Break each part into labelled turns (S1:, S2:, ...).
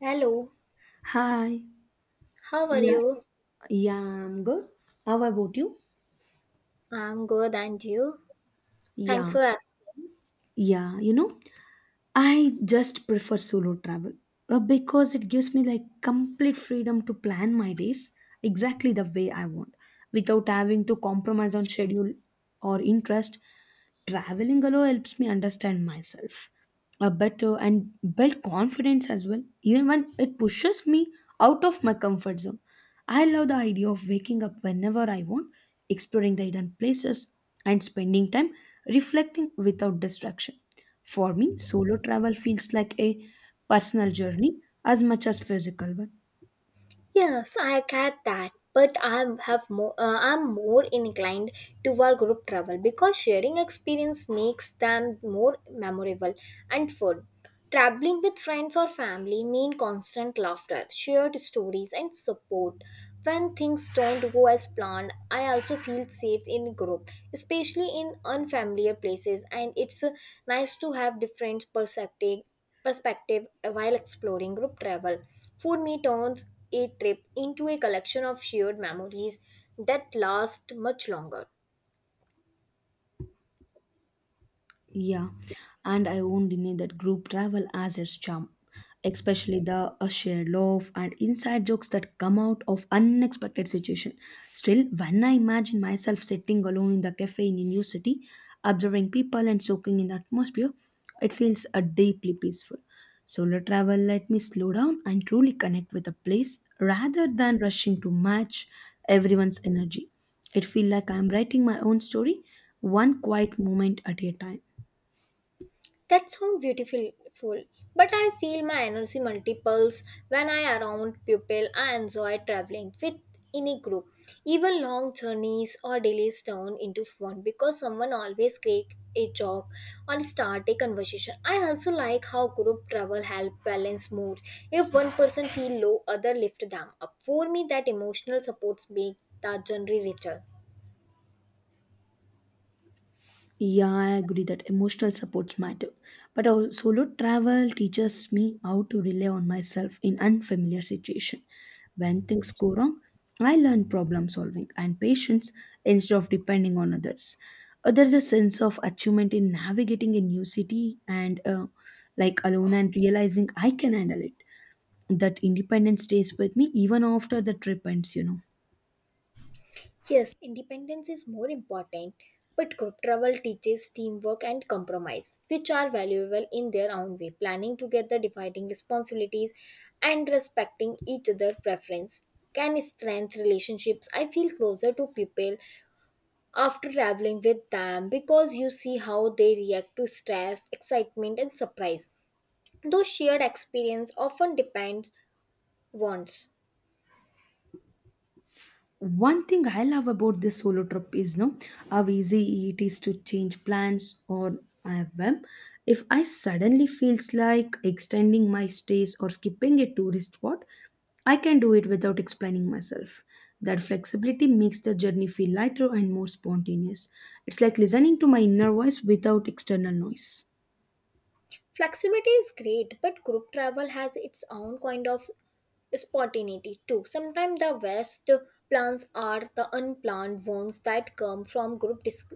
S1: Hello,
S2: Hi.
S1: how are
S2: Yeah.
S1: you?
S2: Yeah, I'm good. How about you?
S1: I'm good, and you? Thanks
S2: Yeah.
S1: for asking.
S2: Yeah. I just prefer solo travel because it gives me like complete freedom to plan my days exactly the way I want without having to compromise on schedule or interest. Traveling alone helps me understand myself better and build confidence as well, even when it pushes me out of my comfort zone. I love the idea of waking up whenever I want, exploring the hidden places, and spending time reflecting without distraction. For me, solo travel feels like a personal journey as much as physical one.
S1: Yes, I get that, but I have more. I'm more inclined toward group travel because sharing experience makes them more memorable and fun. Traveling with friends or family mean constant laughter, shared stories, and support. When things don't go as planned, I also feel safe in group, especially in unfamiliar places. And it's nice to have different perspective while exploring group travel. Food me turns a trip into a collection of shared memories that last much longer.
S2: Yeah, and I won't deny that group travel has its charm, especially the shared love and inside jokes that come out of unexpected situation. Still, when I imagine myself sitting alone in the cafe in a new city, observing people and soaking in the atmosphere, it feels deeply peaceful. Solo travel let me slow down and truly connect with a place rather than rushing to match everyone's energy. It feels like I'm writing my own story, one quiet moment at a time.
S1: That sounds beautiful, full, but I feel my energy multiples when I around people. I enjoy traveling with in a group. Even long journeys or delays turn into fun because someone always crack a joke or start a conversation. I also like how group travel help balance mood. If one person feel low, other lift them up. For me, that emotional supports make the journey richer.
S2: Yeah, I agree that emotional supports matter. But our solo travel teaches me how to rely on myself in unfamiliar situation. When things go wrong, I learn problem solving and patience instead of depending on others. There's a sense of achievement in navigating a new city and like alone and realizing I can handle it. That independence stays with me even after the trip ends.
S1: Yes, independence is more important, but group travel teaches teamwork and compromise, which are valuable in their own way. Planning together, dividing responsibilities, and respecting each other's preference can strengthen relationships. I feel closer to people after traveling with them because you see how they react to stress, excitement, and surprise. Those shared experience often depends wants.
S2: One thing I love about this solo trip is no how easy it is to change plans or have them. If I suddenly feels like extending my stays or skipping a tourist spot, I can do it without explaining myself. That flexibility makes the journey feel lighter and more spontaneous. It's like listening to my inner voice without external noise.
S1: Flexibility is great, but group travel has its own kind of spontaneity too. Sometimes the best plans are the unplanned ones that come from group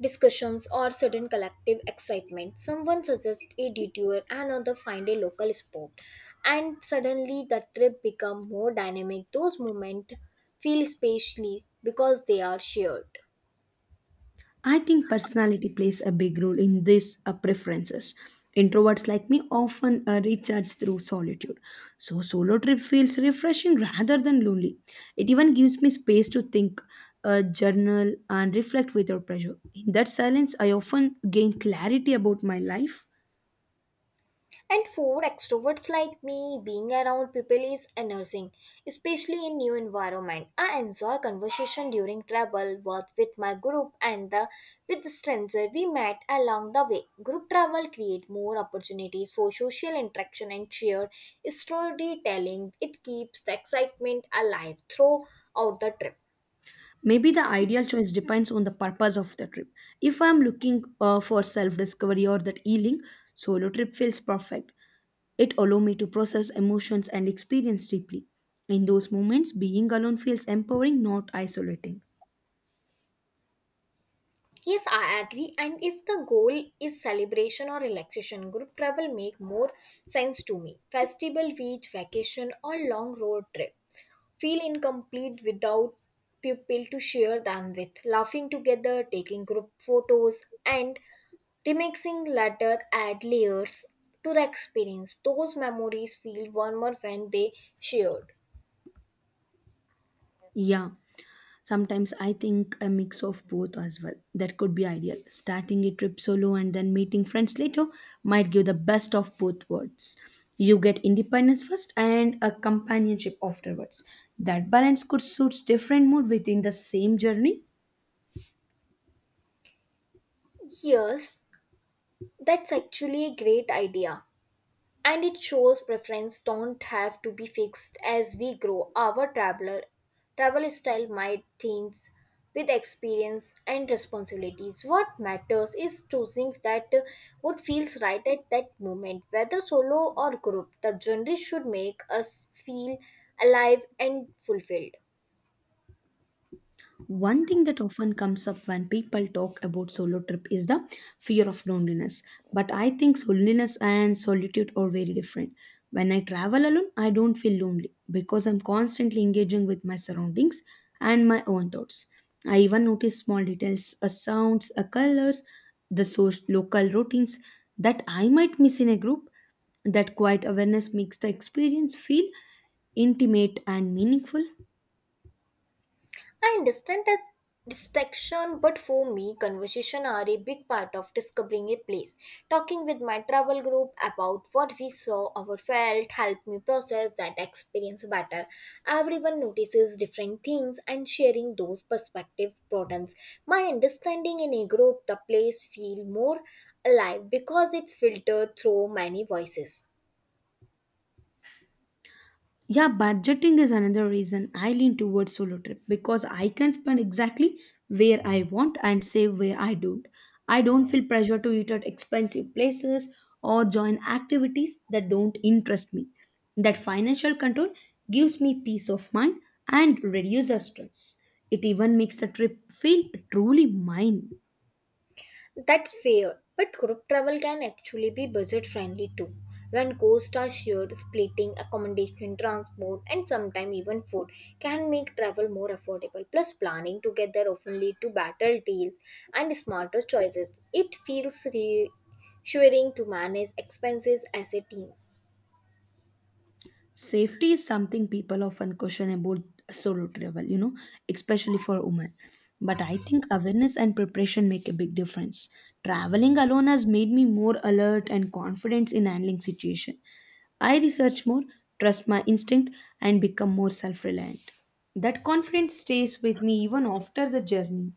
S1: discussions or sudden collective excitement. Someone suggests a detour, another find a local spot, and suddenly the trip becomes more dynamic. Those moments feel specially because they are shared.
S2: I think personality plays a big role in these preferences. Introverts like me often recharge through solitude. So, solo trip feels refreshing rather than lonely. It even gives me space to think, journal, and reflect without pressure. In that silence, I often gain clarity about my life.
S1: And for extroverts like me, being around people is energizing, especially in new environment. I enjoy conversation during travel, both with my group and the with the stranger we met along the way. Group travel create more opportunities for social interaction and shared storytelling. It keeps the excitement alive throughout the trip.
S2: Maybe the ideal choice depends on the purpose of the trip. If I'm looking for self discovery or that healing, solo trip feels perfect. It allows me to process emotions and experience deeply. In those moments, being alone feels empowering, not isolating.
S1: Yes, I agree. And if the goal is celebration or relaxation, group travel make more sense to me. Festival, beach, vacation, or long road trip feel incomplete without people to share them with. Laughing together, taking group photos, and remixing later add layers to the experience. Those memories feel warmer when they shared.
S2: Yeah. Sometimes I think a mix of both as well. That could be ideal. Starting a trip solo and then meeting friends later might give the best of both worlds. You get independence first and a companionship afterwards. That balance could suit different mood within the same journey.
S1: Yes, that's actually a great idea, and it shows preference don't have to be fixed. As we grow, our travel style might change with experience and responsibilities. What matters is choosing that what feels right at that moment, whether solo or group, the journey should make us feel alive and fulfilled.
S2: One thing that often comes up when people talk about solo trip is the fear of loneliness. But I think loneliness and solitude are very different. When I travel alone, I don't feel lonely because I'm constantly engaging with my surroundings and my own thoughts. I even notice small details, a sounds, a colors, the source, local routines that I might miss in a group. That quiet awareness makes the experience feel intimate and meaningful.
S1: I understand that distraction, but for me, conversation are a big part of discovering a place. Talking with my travel group about what we saw or felt helped me process that experience better. Everyone notices different things, and sharing those perspective broadens my understanding in a group. The place feel more alive because it's filtered through many voices.
S2: Yeah, budgeting is another reason I lean towards solo trip because I can spend exactly where I want and save where I don't. I don't feel pressure to eat at expensive places or join activities that don't interest me. That financial control gives me peace of mind and reduces stress. It even makes the trip feel truly mine.
S1: That's fair, but group travel can actually be budget friendly too. When costs are shared, splitting accommodation, transport, and sometimes even food can make travel more affordable. Plus, planning together often lead to better deals and smarter choices. It feels reassuring to manage expenses as a team.
S2: Safety is something people often question about solo travel, especially for women. But I think awareness and preparation make a big difference. Traveling alone has made me more alert and confident in handling situation. I research more, trust my instinct, and become more self reliant. That confidence stays with me even after the journey.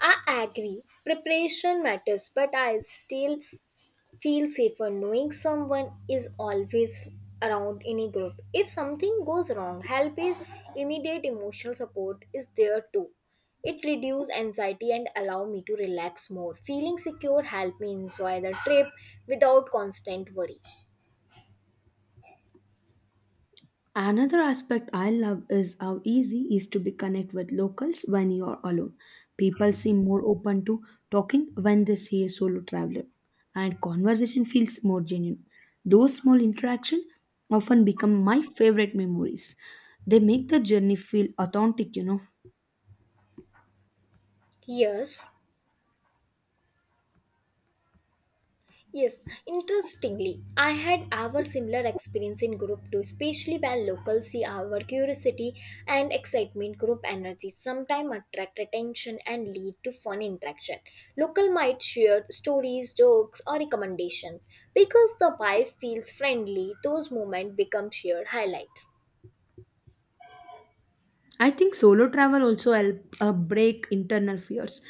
S1: I agree, preparation matters, but I still feel safer knowing someone is always around in a group. If something goes wrong, help is immediate, emotional support is there too. It reduces anxiety and allow me to relax more. Feeling secure help me enjoy the trip without constant worry.
S2: Another aspect I love is how easy it is to be connect with locals when you are alone. People seem more open to talking when they see a solo traveler, and conversation feels more genuine. Those small interactions often become my favorite memories. They make the journey feel authentic.
S1: Yes. Yes, interestingly, I had our similar experience in group too, especially when locals see our curiosity and excitement. Group energy sometimes attract attention and lead to fun interaction. Local might share stories, jokes, or recommendations. Because the vibe feels friendly, those moments become shared highlights.
S2: I think solo travel also help break internal fears.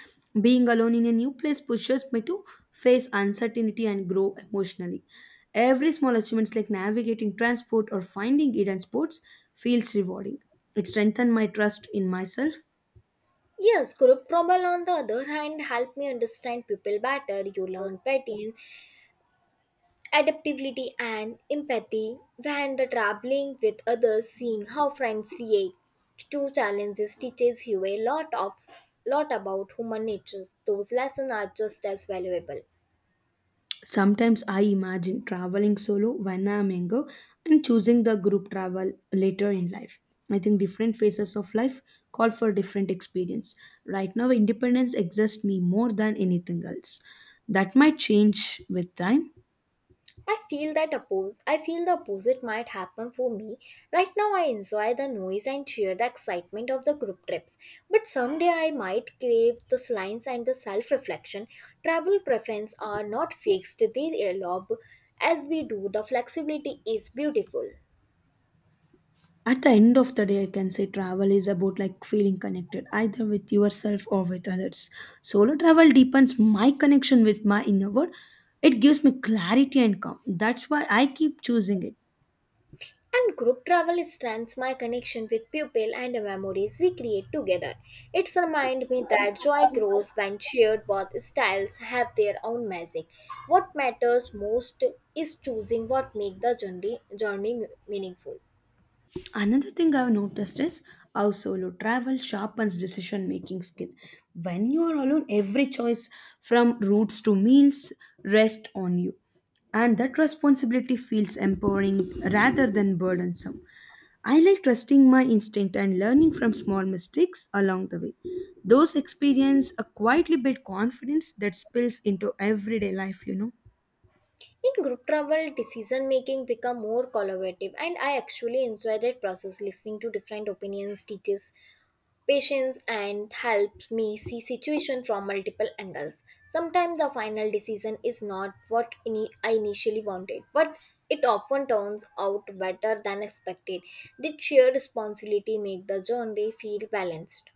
S2: Being alone in a new place pushes me to face uncertainty and grow emotionally. Every small achievements like navigating transport or finding hidden spots feels rewarding. It strengthens my trust in myself.
S1: Yes, group trouble on the other hand help me understand people better. You learn patterns, adaptability and empathy when the traveling with others, seeing how friends react to challenges teaches you a lot about human nature. Those lessons are just as valuable.
S2: Sometimes I imagine traveling solo when I am younger and choosing the group travel later in life. I think different phases of life call for different experience. Right now, independence exhausts me more than anything else. That might change with time.
S1: I feel the opposite might happen for me. Right now I enjoy the noise and cheer the excitement of the group trips. But someday I might crave the silence and the self-reflection. Travel preferences are not fixed, they evolve as we do. The flexibility is beautiful.
S2: At the end of the day, I can say travel is about like feeling connected either with yourself or with others. Solo travel deepens my connection with my inner world. It gives me clarity and calm. That's why I keep choosing it.
S1: And group travel strengthens my connection with people and the memories we create together. It's reminds me that joy grows when shared. Both styles have their own magic. What matters most is choosing what makes the journey meaningful.
S2: Another thing I've noticed is how solo travel sharpens decision making skill. When you are alone, every choice from routes to meals rests on you. And that responsibility feels empowering rather than burdensome. I like trusting my instinct and learning from small mistakes along the way. Those experiences quietly build confidence that spills into everyday life.
S1: In group travel, decision making become more collaborative, and I actually enjoy that process. Listening to different opinions teaches patience and helps me see situation from multiple angles. Sometimes the final decision is not what I initially wanted, but it often turns out better than expected. The shared responsibility make the journey feel balanced.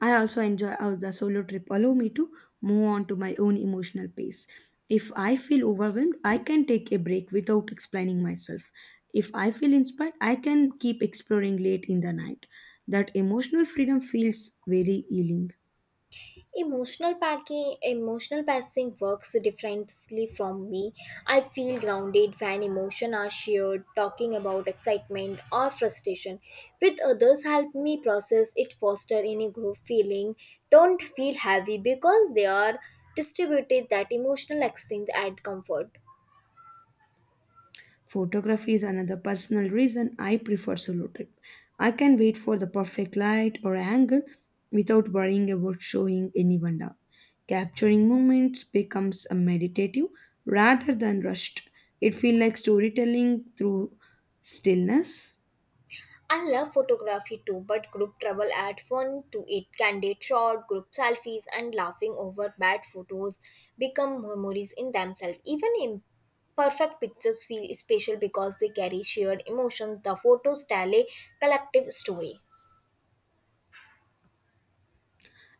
S2: I also enjoy how the solo trip allow me to move on to my own emotional pace. If I feel overwhelmed, I can take a break without explaining myself. If I feel inspired, I can keep exploring late in the night. That emotional freedom feels very healing.
S1: Emotional passing works differently from me. I feel grounded when emotions are shared, talking about excitement or frustration with others help me process it, foster any group feeling. Don't feel heavy because they are distributed. That emotional exchange add comfort.
S2: Photography is another personal reason I prefer solo trip. I can wait for the perfect light or angle without worrying about showing anyone down. Capturing moments becomes a meditative rather than rushed. It feels like storytelling through stillness.
S1: I love photography too, but group travel add fun to it. Candid shot, group selfies, and laughing over bad photos become memories in themselves. Even imperfect pictures feel special because they carry shared emotions. The photos tell a collective story.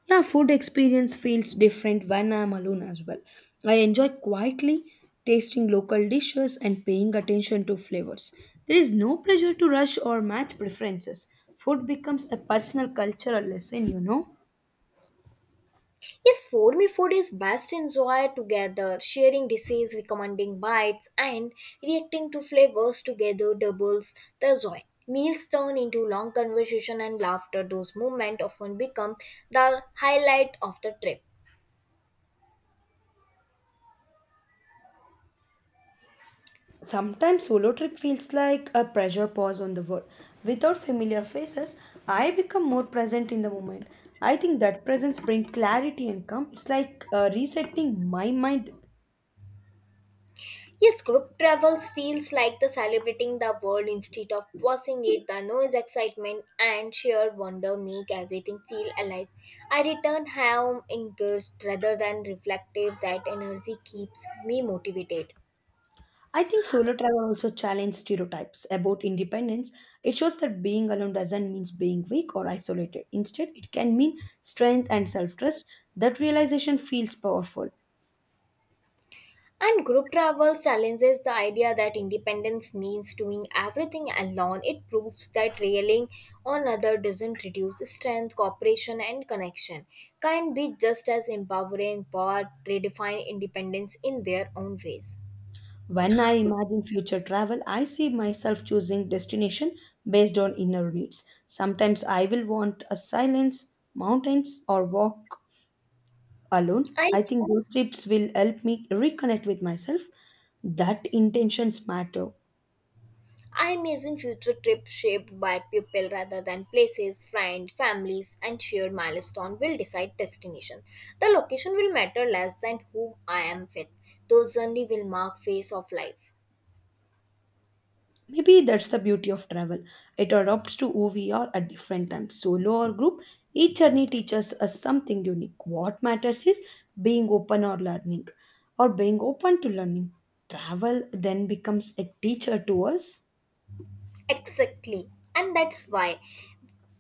S2: Yeah, food experience feels different when I'm alone as well. I enjoy quietly tasting local dishes and paying attention to flavors. There is no pressure to rush or match preferences. Food becomes a personal cultural lesson.
S1: Yes, foamy food is best enjoyed together, sharing dishes, recommending bites, and reacting to flavors together doubles the joy. Meals turn into long conversation and laughter. Those moments often become the highlight of the trip.
S2: Sometimes solo trip feels like a pressure pause on the world. Without familiar faces, I become more present in the moment. I think that presence brings clarity and calm. It's like resetting my mind.
S1: Yes, group travels feels like the celebrating the world instead of passing it. The noise, excitement, and sheer wonder make everything feel alive. I return home engaged rather than reflective. That energy keeps me motivated.
S2: I think solo travel also challenges stereotypes about independence. It shows that being alone doesn't mean being weak or isolated. Instead, it can mean strength and self trust. That realization feels powerful.
S1: And group travel challenges the idea that independence means doing everything alone. It proves that relying on others doesn't reduce strength, cooperation, and connection. Can be just as empowering, but redefine independence in their own ways.
S2: When I imagine future travel, I see myself choosing destination based on inner needs. Sometimes I will want a silence, mountains, or walk alone.
S1: I
S2: I think those trips will help me reconnect with myself. That intentions matter.
S1: I imagine future trips shaped by people rather than places, friends, families, and shared milestone will decide destination. The location will matter less than who I am with. Those journey will mark phase of life.
S2: Maybe that's the beauty of travel. It adapts to who we are at different times, solo or group. Each journey teaches us something unique. What matters is being open or learning, or being open to learning. Travel then becomes a teacher to us.
S1: Exactly. And that's why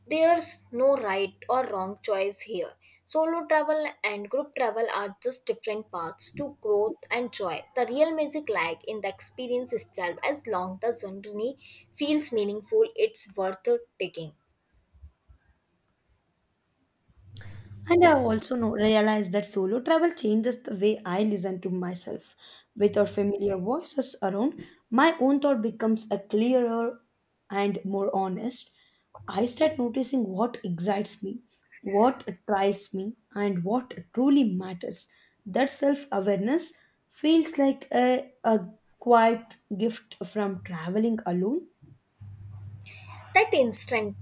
S1: there's no right or wrong choice here. Solo travel and group travel are just different paths to growth and joy. The real magic lies in the experience itself. As long the journey feels meaningful, it's worth taking.
S2: And I've also realized that solo travel changes the way I listen to myself. Without familiar voices around, my own thought becomes a clearer and more honest. I start noticing what excites me, what attracts me, and what truly matters. That self awareness feels like a quiet gift from traveling alone.
S1: That instant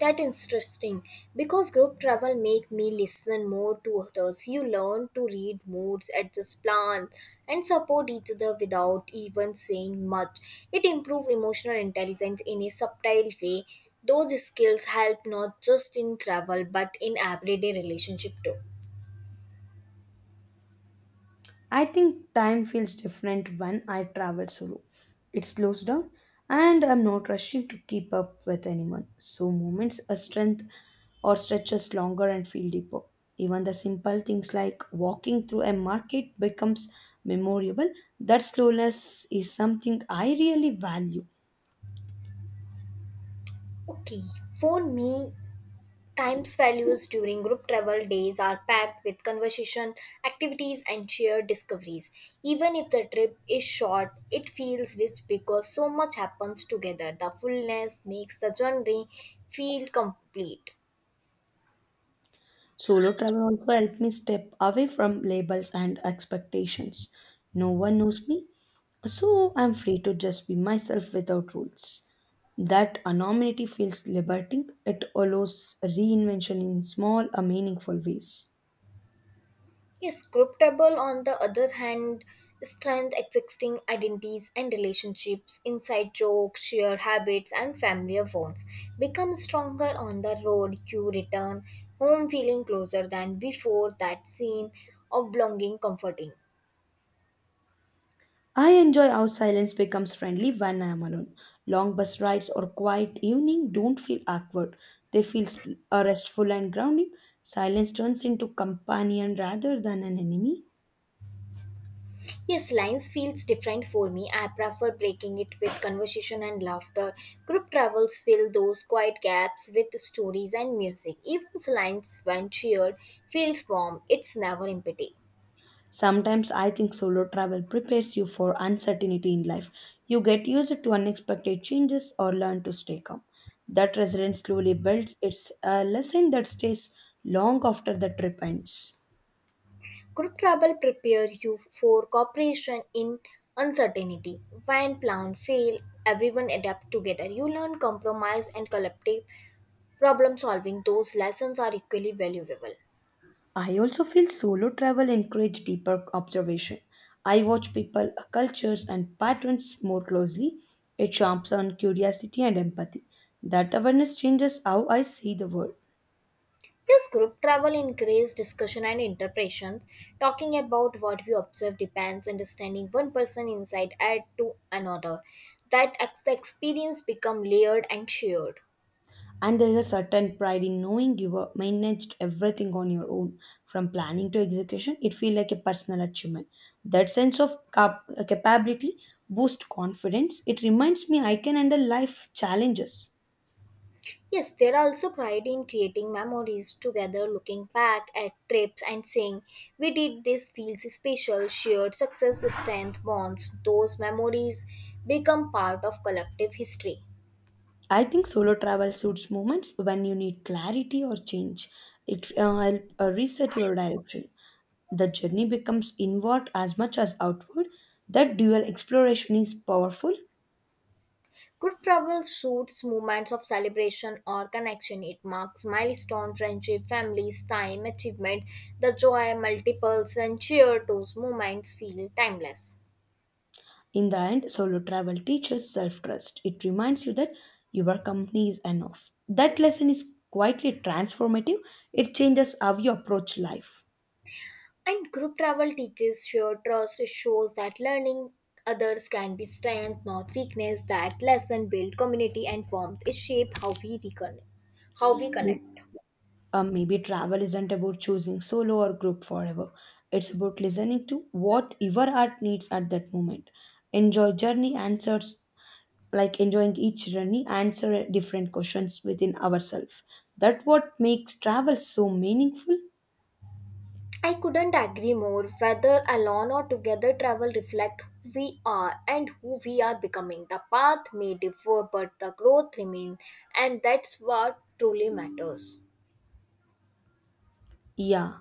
S1: That interesting because group travel make me listen more to others. You learn to read moods, adjust plans, and support each other without even saying much. It improves emotional intelligence in a subtle way. Those skills help not just in travel but in everyday relationship too.
S2: I think time feels different when I travel solo. It slows down and I'm not rushing to keep up with anyone. So moments a strength or stretches longer and feel deeper. Even the simple things like walking through a market becomes memorable. That slowness is something I really value.
S1: Okay, for me, Time's values during group travel days are packed with conversation, activities, and shared discoveries. Even if the trip is short, it feels rich because so much happens together. The fullness makes the journey feel complete.
S2: Solo travel also helped me step away from labels and expectations. No one knows me, so I'm free to just be myself without rules. That anonymity feels liberating. It allows reinvention in small, meaningful ways.
S1: Yes, Cryptable, on the other hand, strength existing identities and relationships, inside jokes, shared habits, and familiar bonds become stronger on the road, you return home feeling closer than before, that scene of belonging comforting.
S2: I enjoy how silence becomes friendly when I am alone. Long bus rides or quiet evening don't feel awkward. They feel s- restful and grounding. Silence turns into companion rather than an enemy.
S1: Yes, lines feels different for me. I prefer breaking it with conversation and laughter. Group travels fill those quiet gaps with stories and music. Even lines when shared feels warm. It's never empty.
S2: Sometimes I think solo travel prepares you for uncertainty in life. You get used to unexpected changes or learn to stay calm. That resilience slowly builds. It's a lesson that stays long after the trip ends.
S1: Good trouble prepare you for cooperation in uncertainty. When plans fail, everyone adapt together. You learn compromise and collective problem solving. Those lessons are equally valuable.
S2: I also feel solo travel encourage deeper observation. I watch people, cultures, and patterns more closely. It sharps on curiosity and empathy. That awareness changes how I see the world.
S1: Yes, group travel increases discussion and interpretations. Talking about what we observe depends understanding one person insight add to another. The experience become layered and shared.
S2: And there is a certain pride in knowing you were managed everything on your own, from planning to execution. It feels like a personal achievement. That sense of capability boosts confidence. It reminds me I can handle life challenges.
S1: Yes, there are also pride in creating memories together, looking back at trips and saying, we did this feels special, shared success, strength, bonds. Those memories become part of collective history.
S2: I think solo travel suits moments when you need clarity or change. It help reset your direction. The journey becomes inward as much as outward. That dual exploration is powerful.
S1: Good travel suits moments of celebration or connection. It marks milestone, friendship, families, time, achievement, the joy multiples when shared. Those moments feel timeless.
S2: In the end, solo travel teaches self trust. It reminds you that your company is enough. That lesson is quietly transformative. It changes how you approach life.
S1: And group travel teaches shared trust. It shows that learning others can be strength, not weakness. That lesson build community and warmth. It shape how we
S2: May-
S1: connect.
S2: Maybe travel isn't about choosing solo or group forever. It's about listening to what your heart needs at that moment. Enjoy journey answers like enjoying each journey answer different questions within ourselves. That what makes travel so meaningful.
S1: I couldn't agree more. Whether alone or together, travel reflects who we are and who we are becoming. The path may differ, but the growth remains, and that's what truly matters.
S2: Yeah.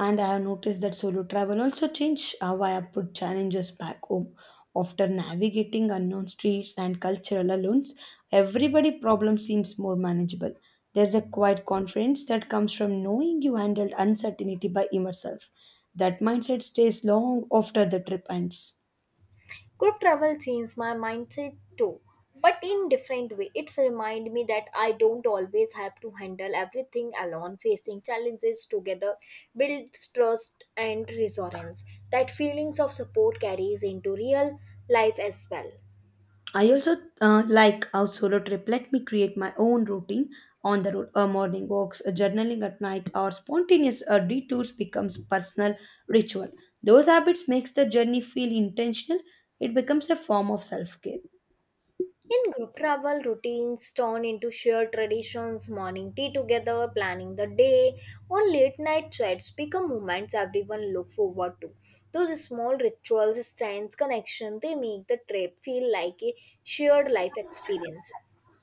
S2: And I have noticed that solo travel also changed how I put challenges back home. After navigating unknown streets and cultural unknowns, everybody problem seems more manageable. There's a quiet confidence that comes from knowing you handled uncertainty by yourself. That mindset stays long after the trip ends.
S1: Group travel changed my mindset too, but in different way. It's remind me that I don't always have to handle everything alone. Facing challenges together builds trust and resilience. That feelings of support carries into real life as well.
S2: I also like how solo trip let me create my own routine on the road. Morning walks, journaling at night, or spontaneous detours becomes personal ritual. Those habits makes the journey feel intentional. It becomes a form of self care.
S1: In group travel, routines turn into shared traditions, morning tea together, planning the day, or late night chats become moments everyone look forward to. Those small rituals, sense connection, they make the trip feel like a shared life experience.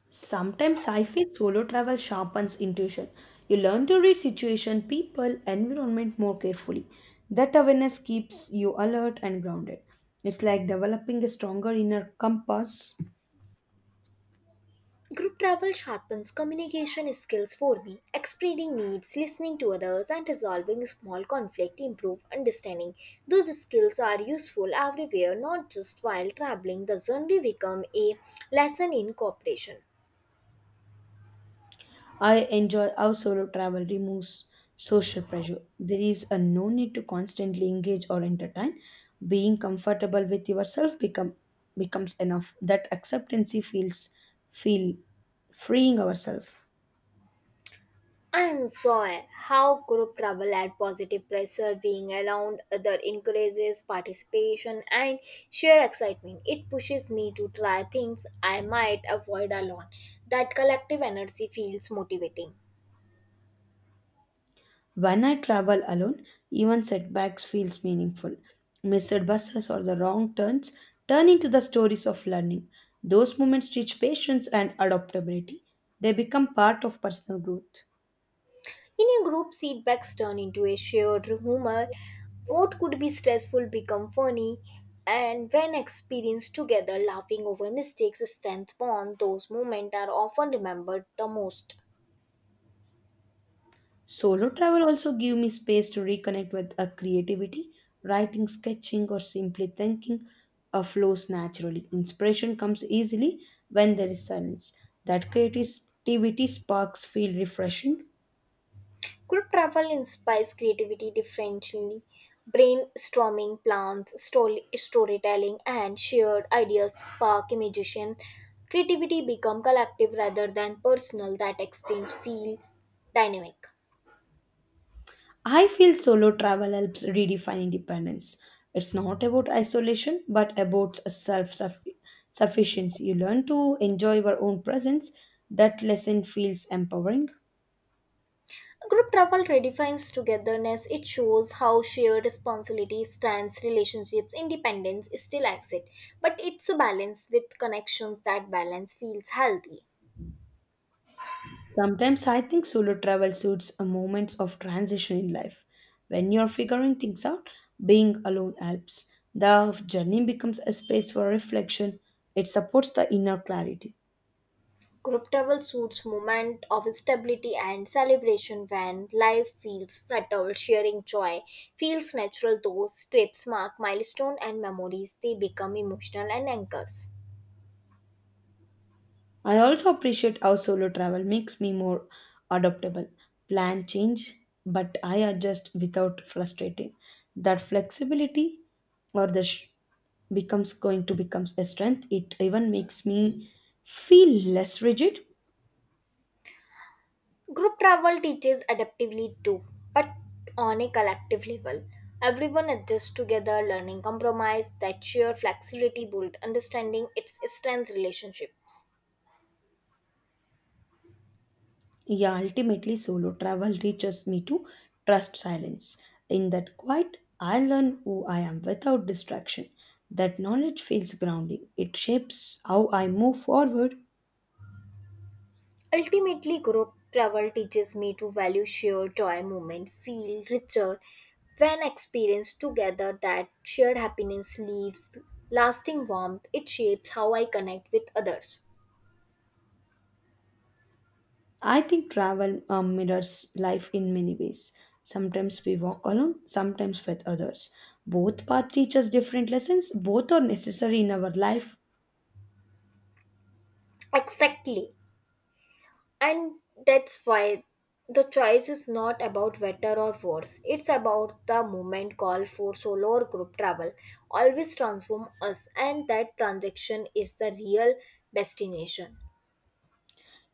S2: Sometimes I feel solo travel sharpens intuition. You learn to read situation, people, environment more carefully. That awareness keeps you alert and grounded. It's like developing a stronger inner compass.
S1: Group travel sharpens communication skills for me. Explaining needs, listening to others, and resolving small conflict improve understanding. Those skills are useful everywhere, not just while traveling. The journey become a lesson in cooperation.
S2: I enjoy how solo travel removes social pressure. There is a no need to constantly engage or entertain. Being comfortable with yourself becomes enough. That acceptancy feel freeing ourselves.
S1: I enjoy how group travel adds positive pressure, being around other encourages participation and shared excitement. It pushes me to try things I might avoid alone. That collective energy feels motivating.
S2: When I travel alone, even setbacks feels meaningful. Missed buses or the wrong turn into the stories of learning. Those moments teach patience and adaptability. They become part of personal growth.
S1: In a group, feedbacks turn into a shared humor. What could be stressful become funny, and when experienced together, laughing over mistakes strengthens bond. Those moments are often remembered the most.
S2: Solo travel also give me space to reconnect with a creativity, writing, sketching, or simply thinking flows naturally. Inspiration comes easily when there is silence. That creativity sparks feel refreshing.
S1: Group travel inspires creativity differently. Brainstorming plans, story, storytelling, and shared ideas spark imagination. Creativity become collective rather than personal. That exchange feel dynamic.
S2: I feel solo travel helps redefine independence. It's not about isolation, but about self sufficiency. You learn to enjoy your own presence. That lesson feels empowering.
S1: Group travel redefines togetherness. It shows how shared responsibility, stands, relationships, independence still exist, but it's a balance with connections. That balance feels healthy.
S2: Sometimes I think solo travel suits a moments of transition in life. When you're figuring things out, being alone helps. The journey becomes a space for reflection. It supports the inner clarity.
S1: Group travel suits moment of stability and celebration when life feels settled. Sharing joy feels natural. Those trips mark milestone and memories. They become emotional and anchors.
S2: I also appreciate how solo travel makes me more adaptable. Plan change, but I adjust without frustrating. That flexibility or the sh- becomes going to becomes a strength. It even makes me feel less rigid.
S1: Group travel teaches adaptively too, but on a collective level. Everyone adjusts together, learning compromise, that sheer flexibility build understanding its strength relationship.
S2: Yeah, ultimately, solo travel teaches me to trust silence. In that quiet, I learn who I am without distraction. That knowledge feels grounding. It shapes how I move forward.
S1: Ultimately, group travel teaches me to value shared joy moment, feel richer when experienced together. That shared happiness leaves lasting warmth, it shapes how I connect with others.
S2: I think travel mirrors life in many ways. Sometimes we walk alone, sometimes with others. Both paths teach us different lessons. Both are necessary in our life.
S1: Exactly. And that's why the choice is not about better or worse. It's about the movement call for solo or group travel. Always transform us, and that transaction is the real destination.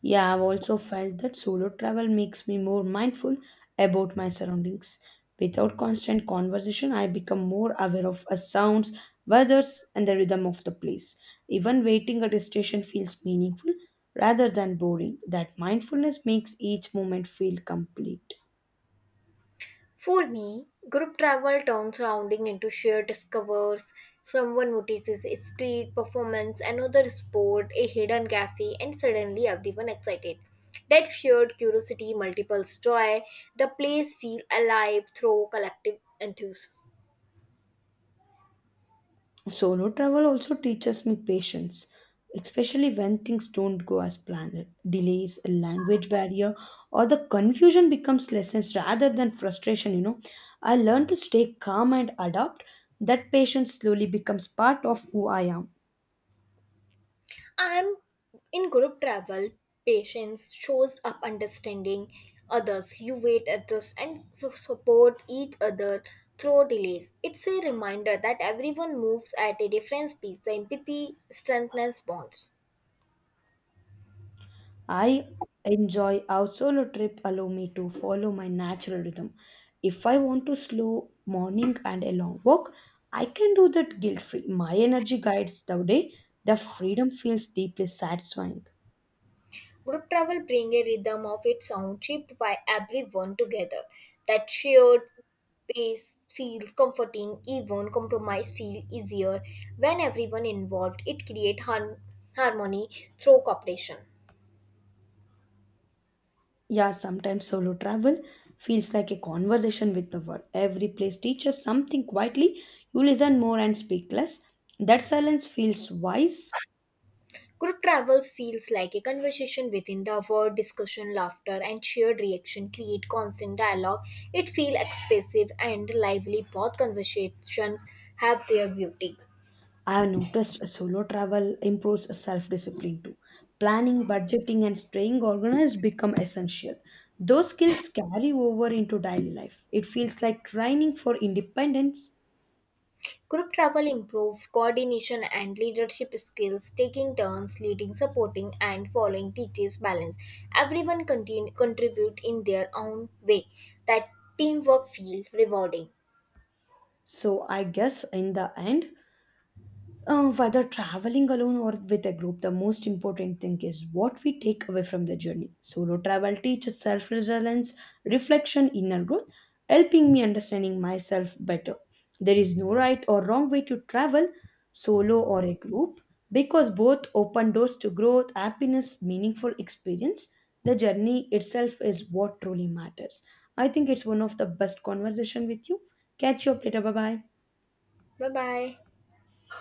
S2: Yeah, I've also felt that solo travel makes me more mindful about my surroundings. Without constant conversation, I become more aware of a sounds, weathers, and the rhythm of the place. Even waiting at a station feels meaningful rather than boring. That mindfulness makes each moment feel complete.
S1: For me, group travel turns rounding into shared discovers. Someone notices a street performance, another sport, a hidden cafe, and suddenly everyone excited. That shared curiosity multiples joy. The place feel alive through collective enthusiasm.
S2: Solo travel also teaches me patience, especially when things don't go as planned. Delays, a language barrier, or the confusion becomes lessons rather than frustration. I learn to stay calm and adapt. That patience slowly becomes part of who I am.
S1: I'm In group travel, patience shows up understanding others. You wait, adjust, and support each other through delays. It's a reminder that everyone moves at a different speed. The empathy strengthens bonds.
S2: I enjoy how solo trip allow me to follow my natural rhythm. If I want to slow morning and a long walk, I can do that guilt free. My energy guides the day. The freedom feels deeply satisfying.
S1: Group travel brings a rhythm of its own, shaped by everyone together. That shared pace feels comforting, even compromise feel easier when everyone involved. It creates harmony through cooperation.
S2: Yeah, sometimes solo travel feels like a conversation with the world. Every place teaches something quietly. You listen more and speak less. That silence feels wise.
S1: Group travels feels like a conversation within the word discussion, laughter, and shared reaction create constant dialogue. It feels expressive and lively. Both conversations have their beauty.
S2: I have noticed a solo travel improves self discipline too. Planning, budgeting, and staying organized become essential. Those skills carry over into daily life. It feels like training for independence.
S1: Group travel improves coordination and leadership skills, taking turns leading, supporting, and following teaches balance. Everyone continue, contribute in their own way. That teamwork feel rewarding.
S2: So, I guess in the end, whether traveling alone or with a group, the most important thing is what we take away from the journey. Solo travel teaches self resilience, reflection, inner growth, helping me understanding myself better. There is no right or wrong way to travel, solo or a group, because both open doors to growth, happiness, meaningful experience. The journey itself is what truly matters. I think it's one of the best conversation with you. Catch you up later. Bye bye.
S1: Bye bye.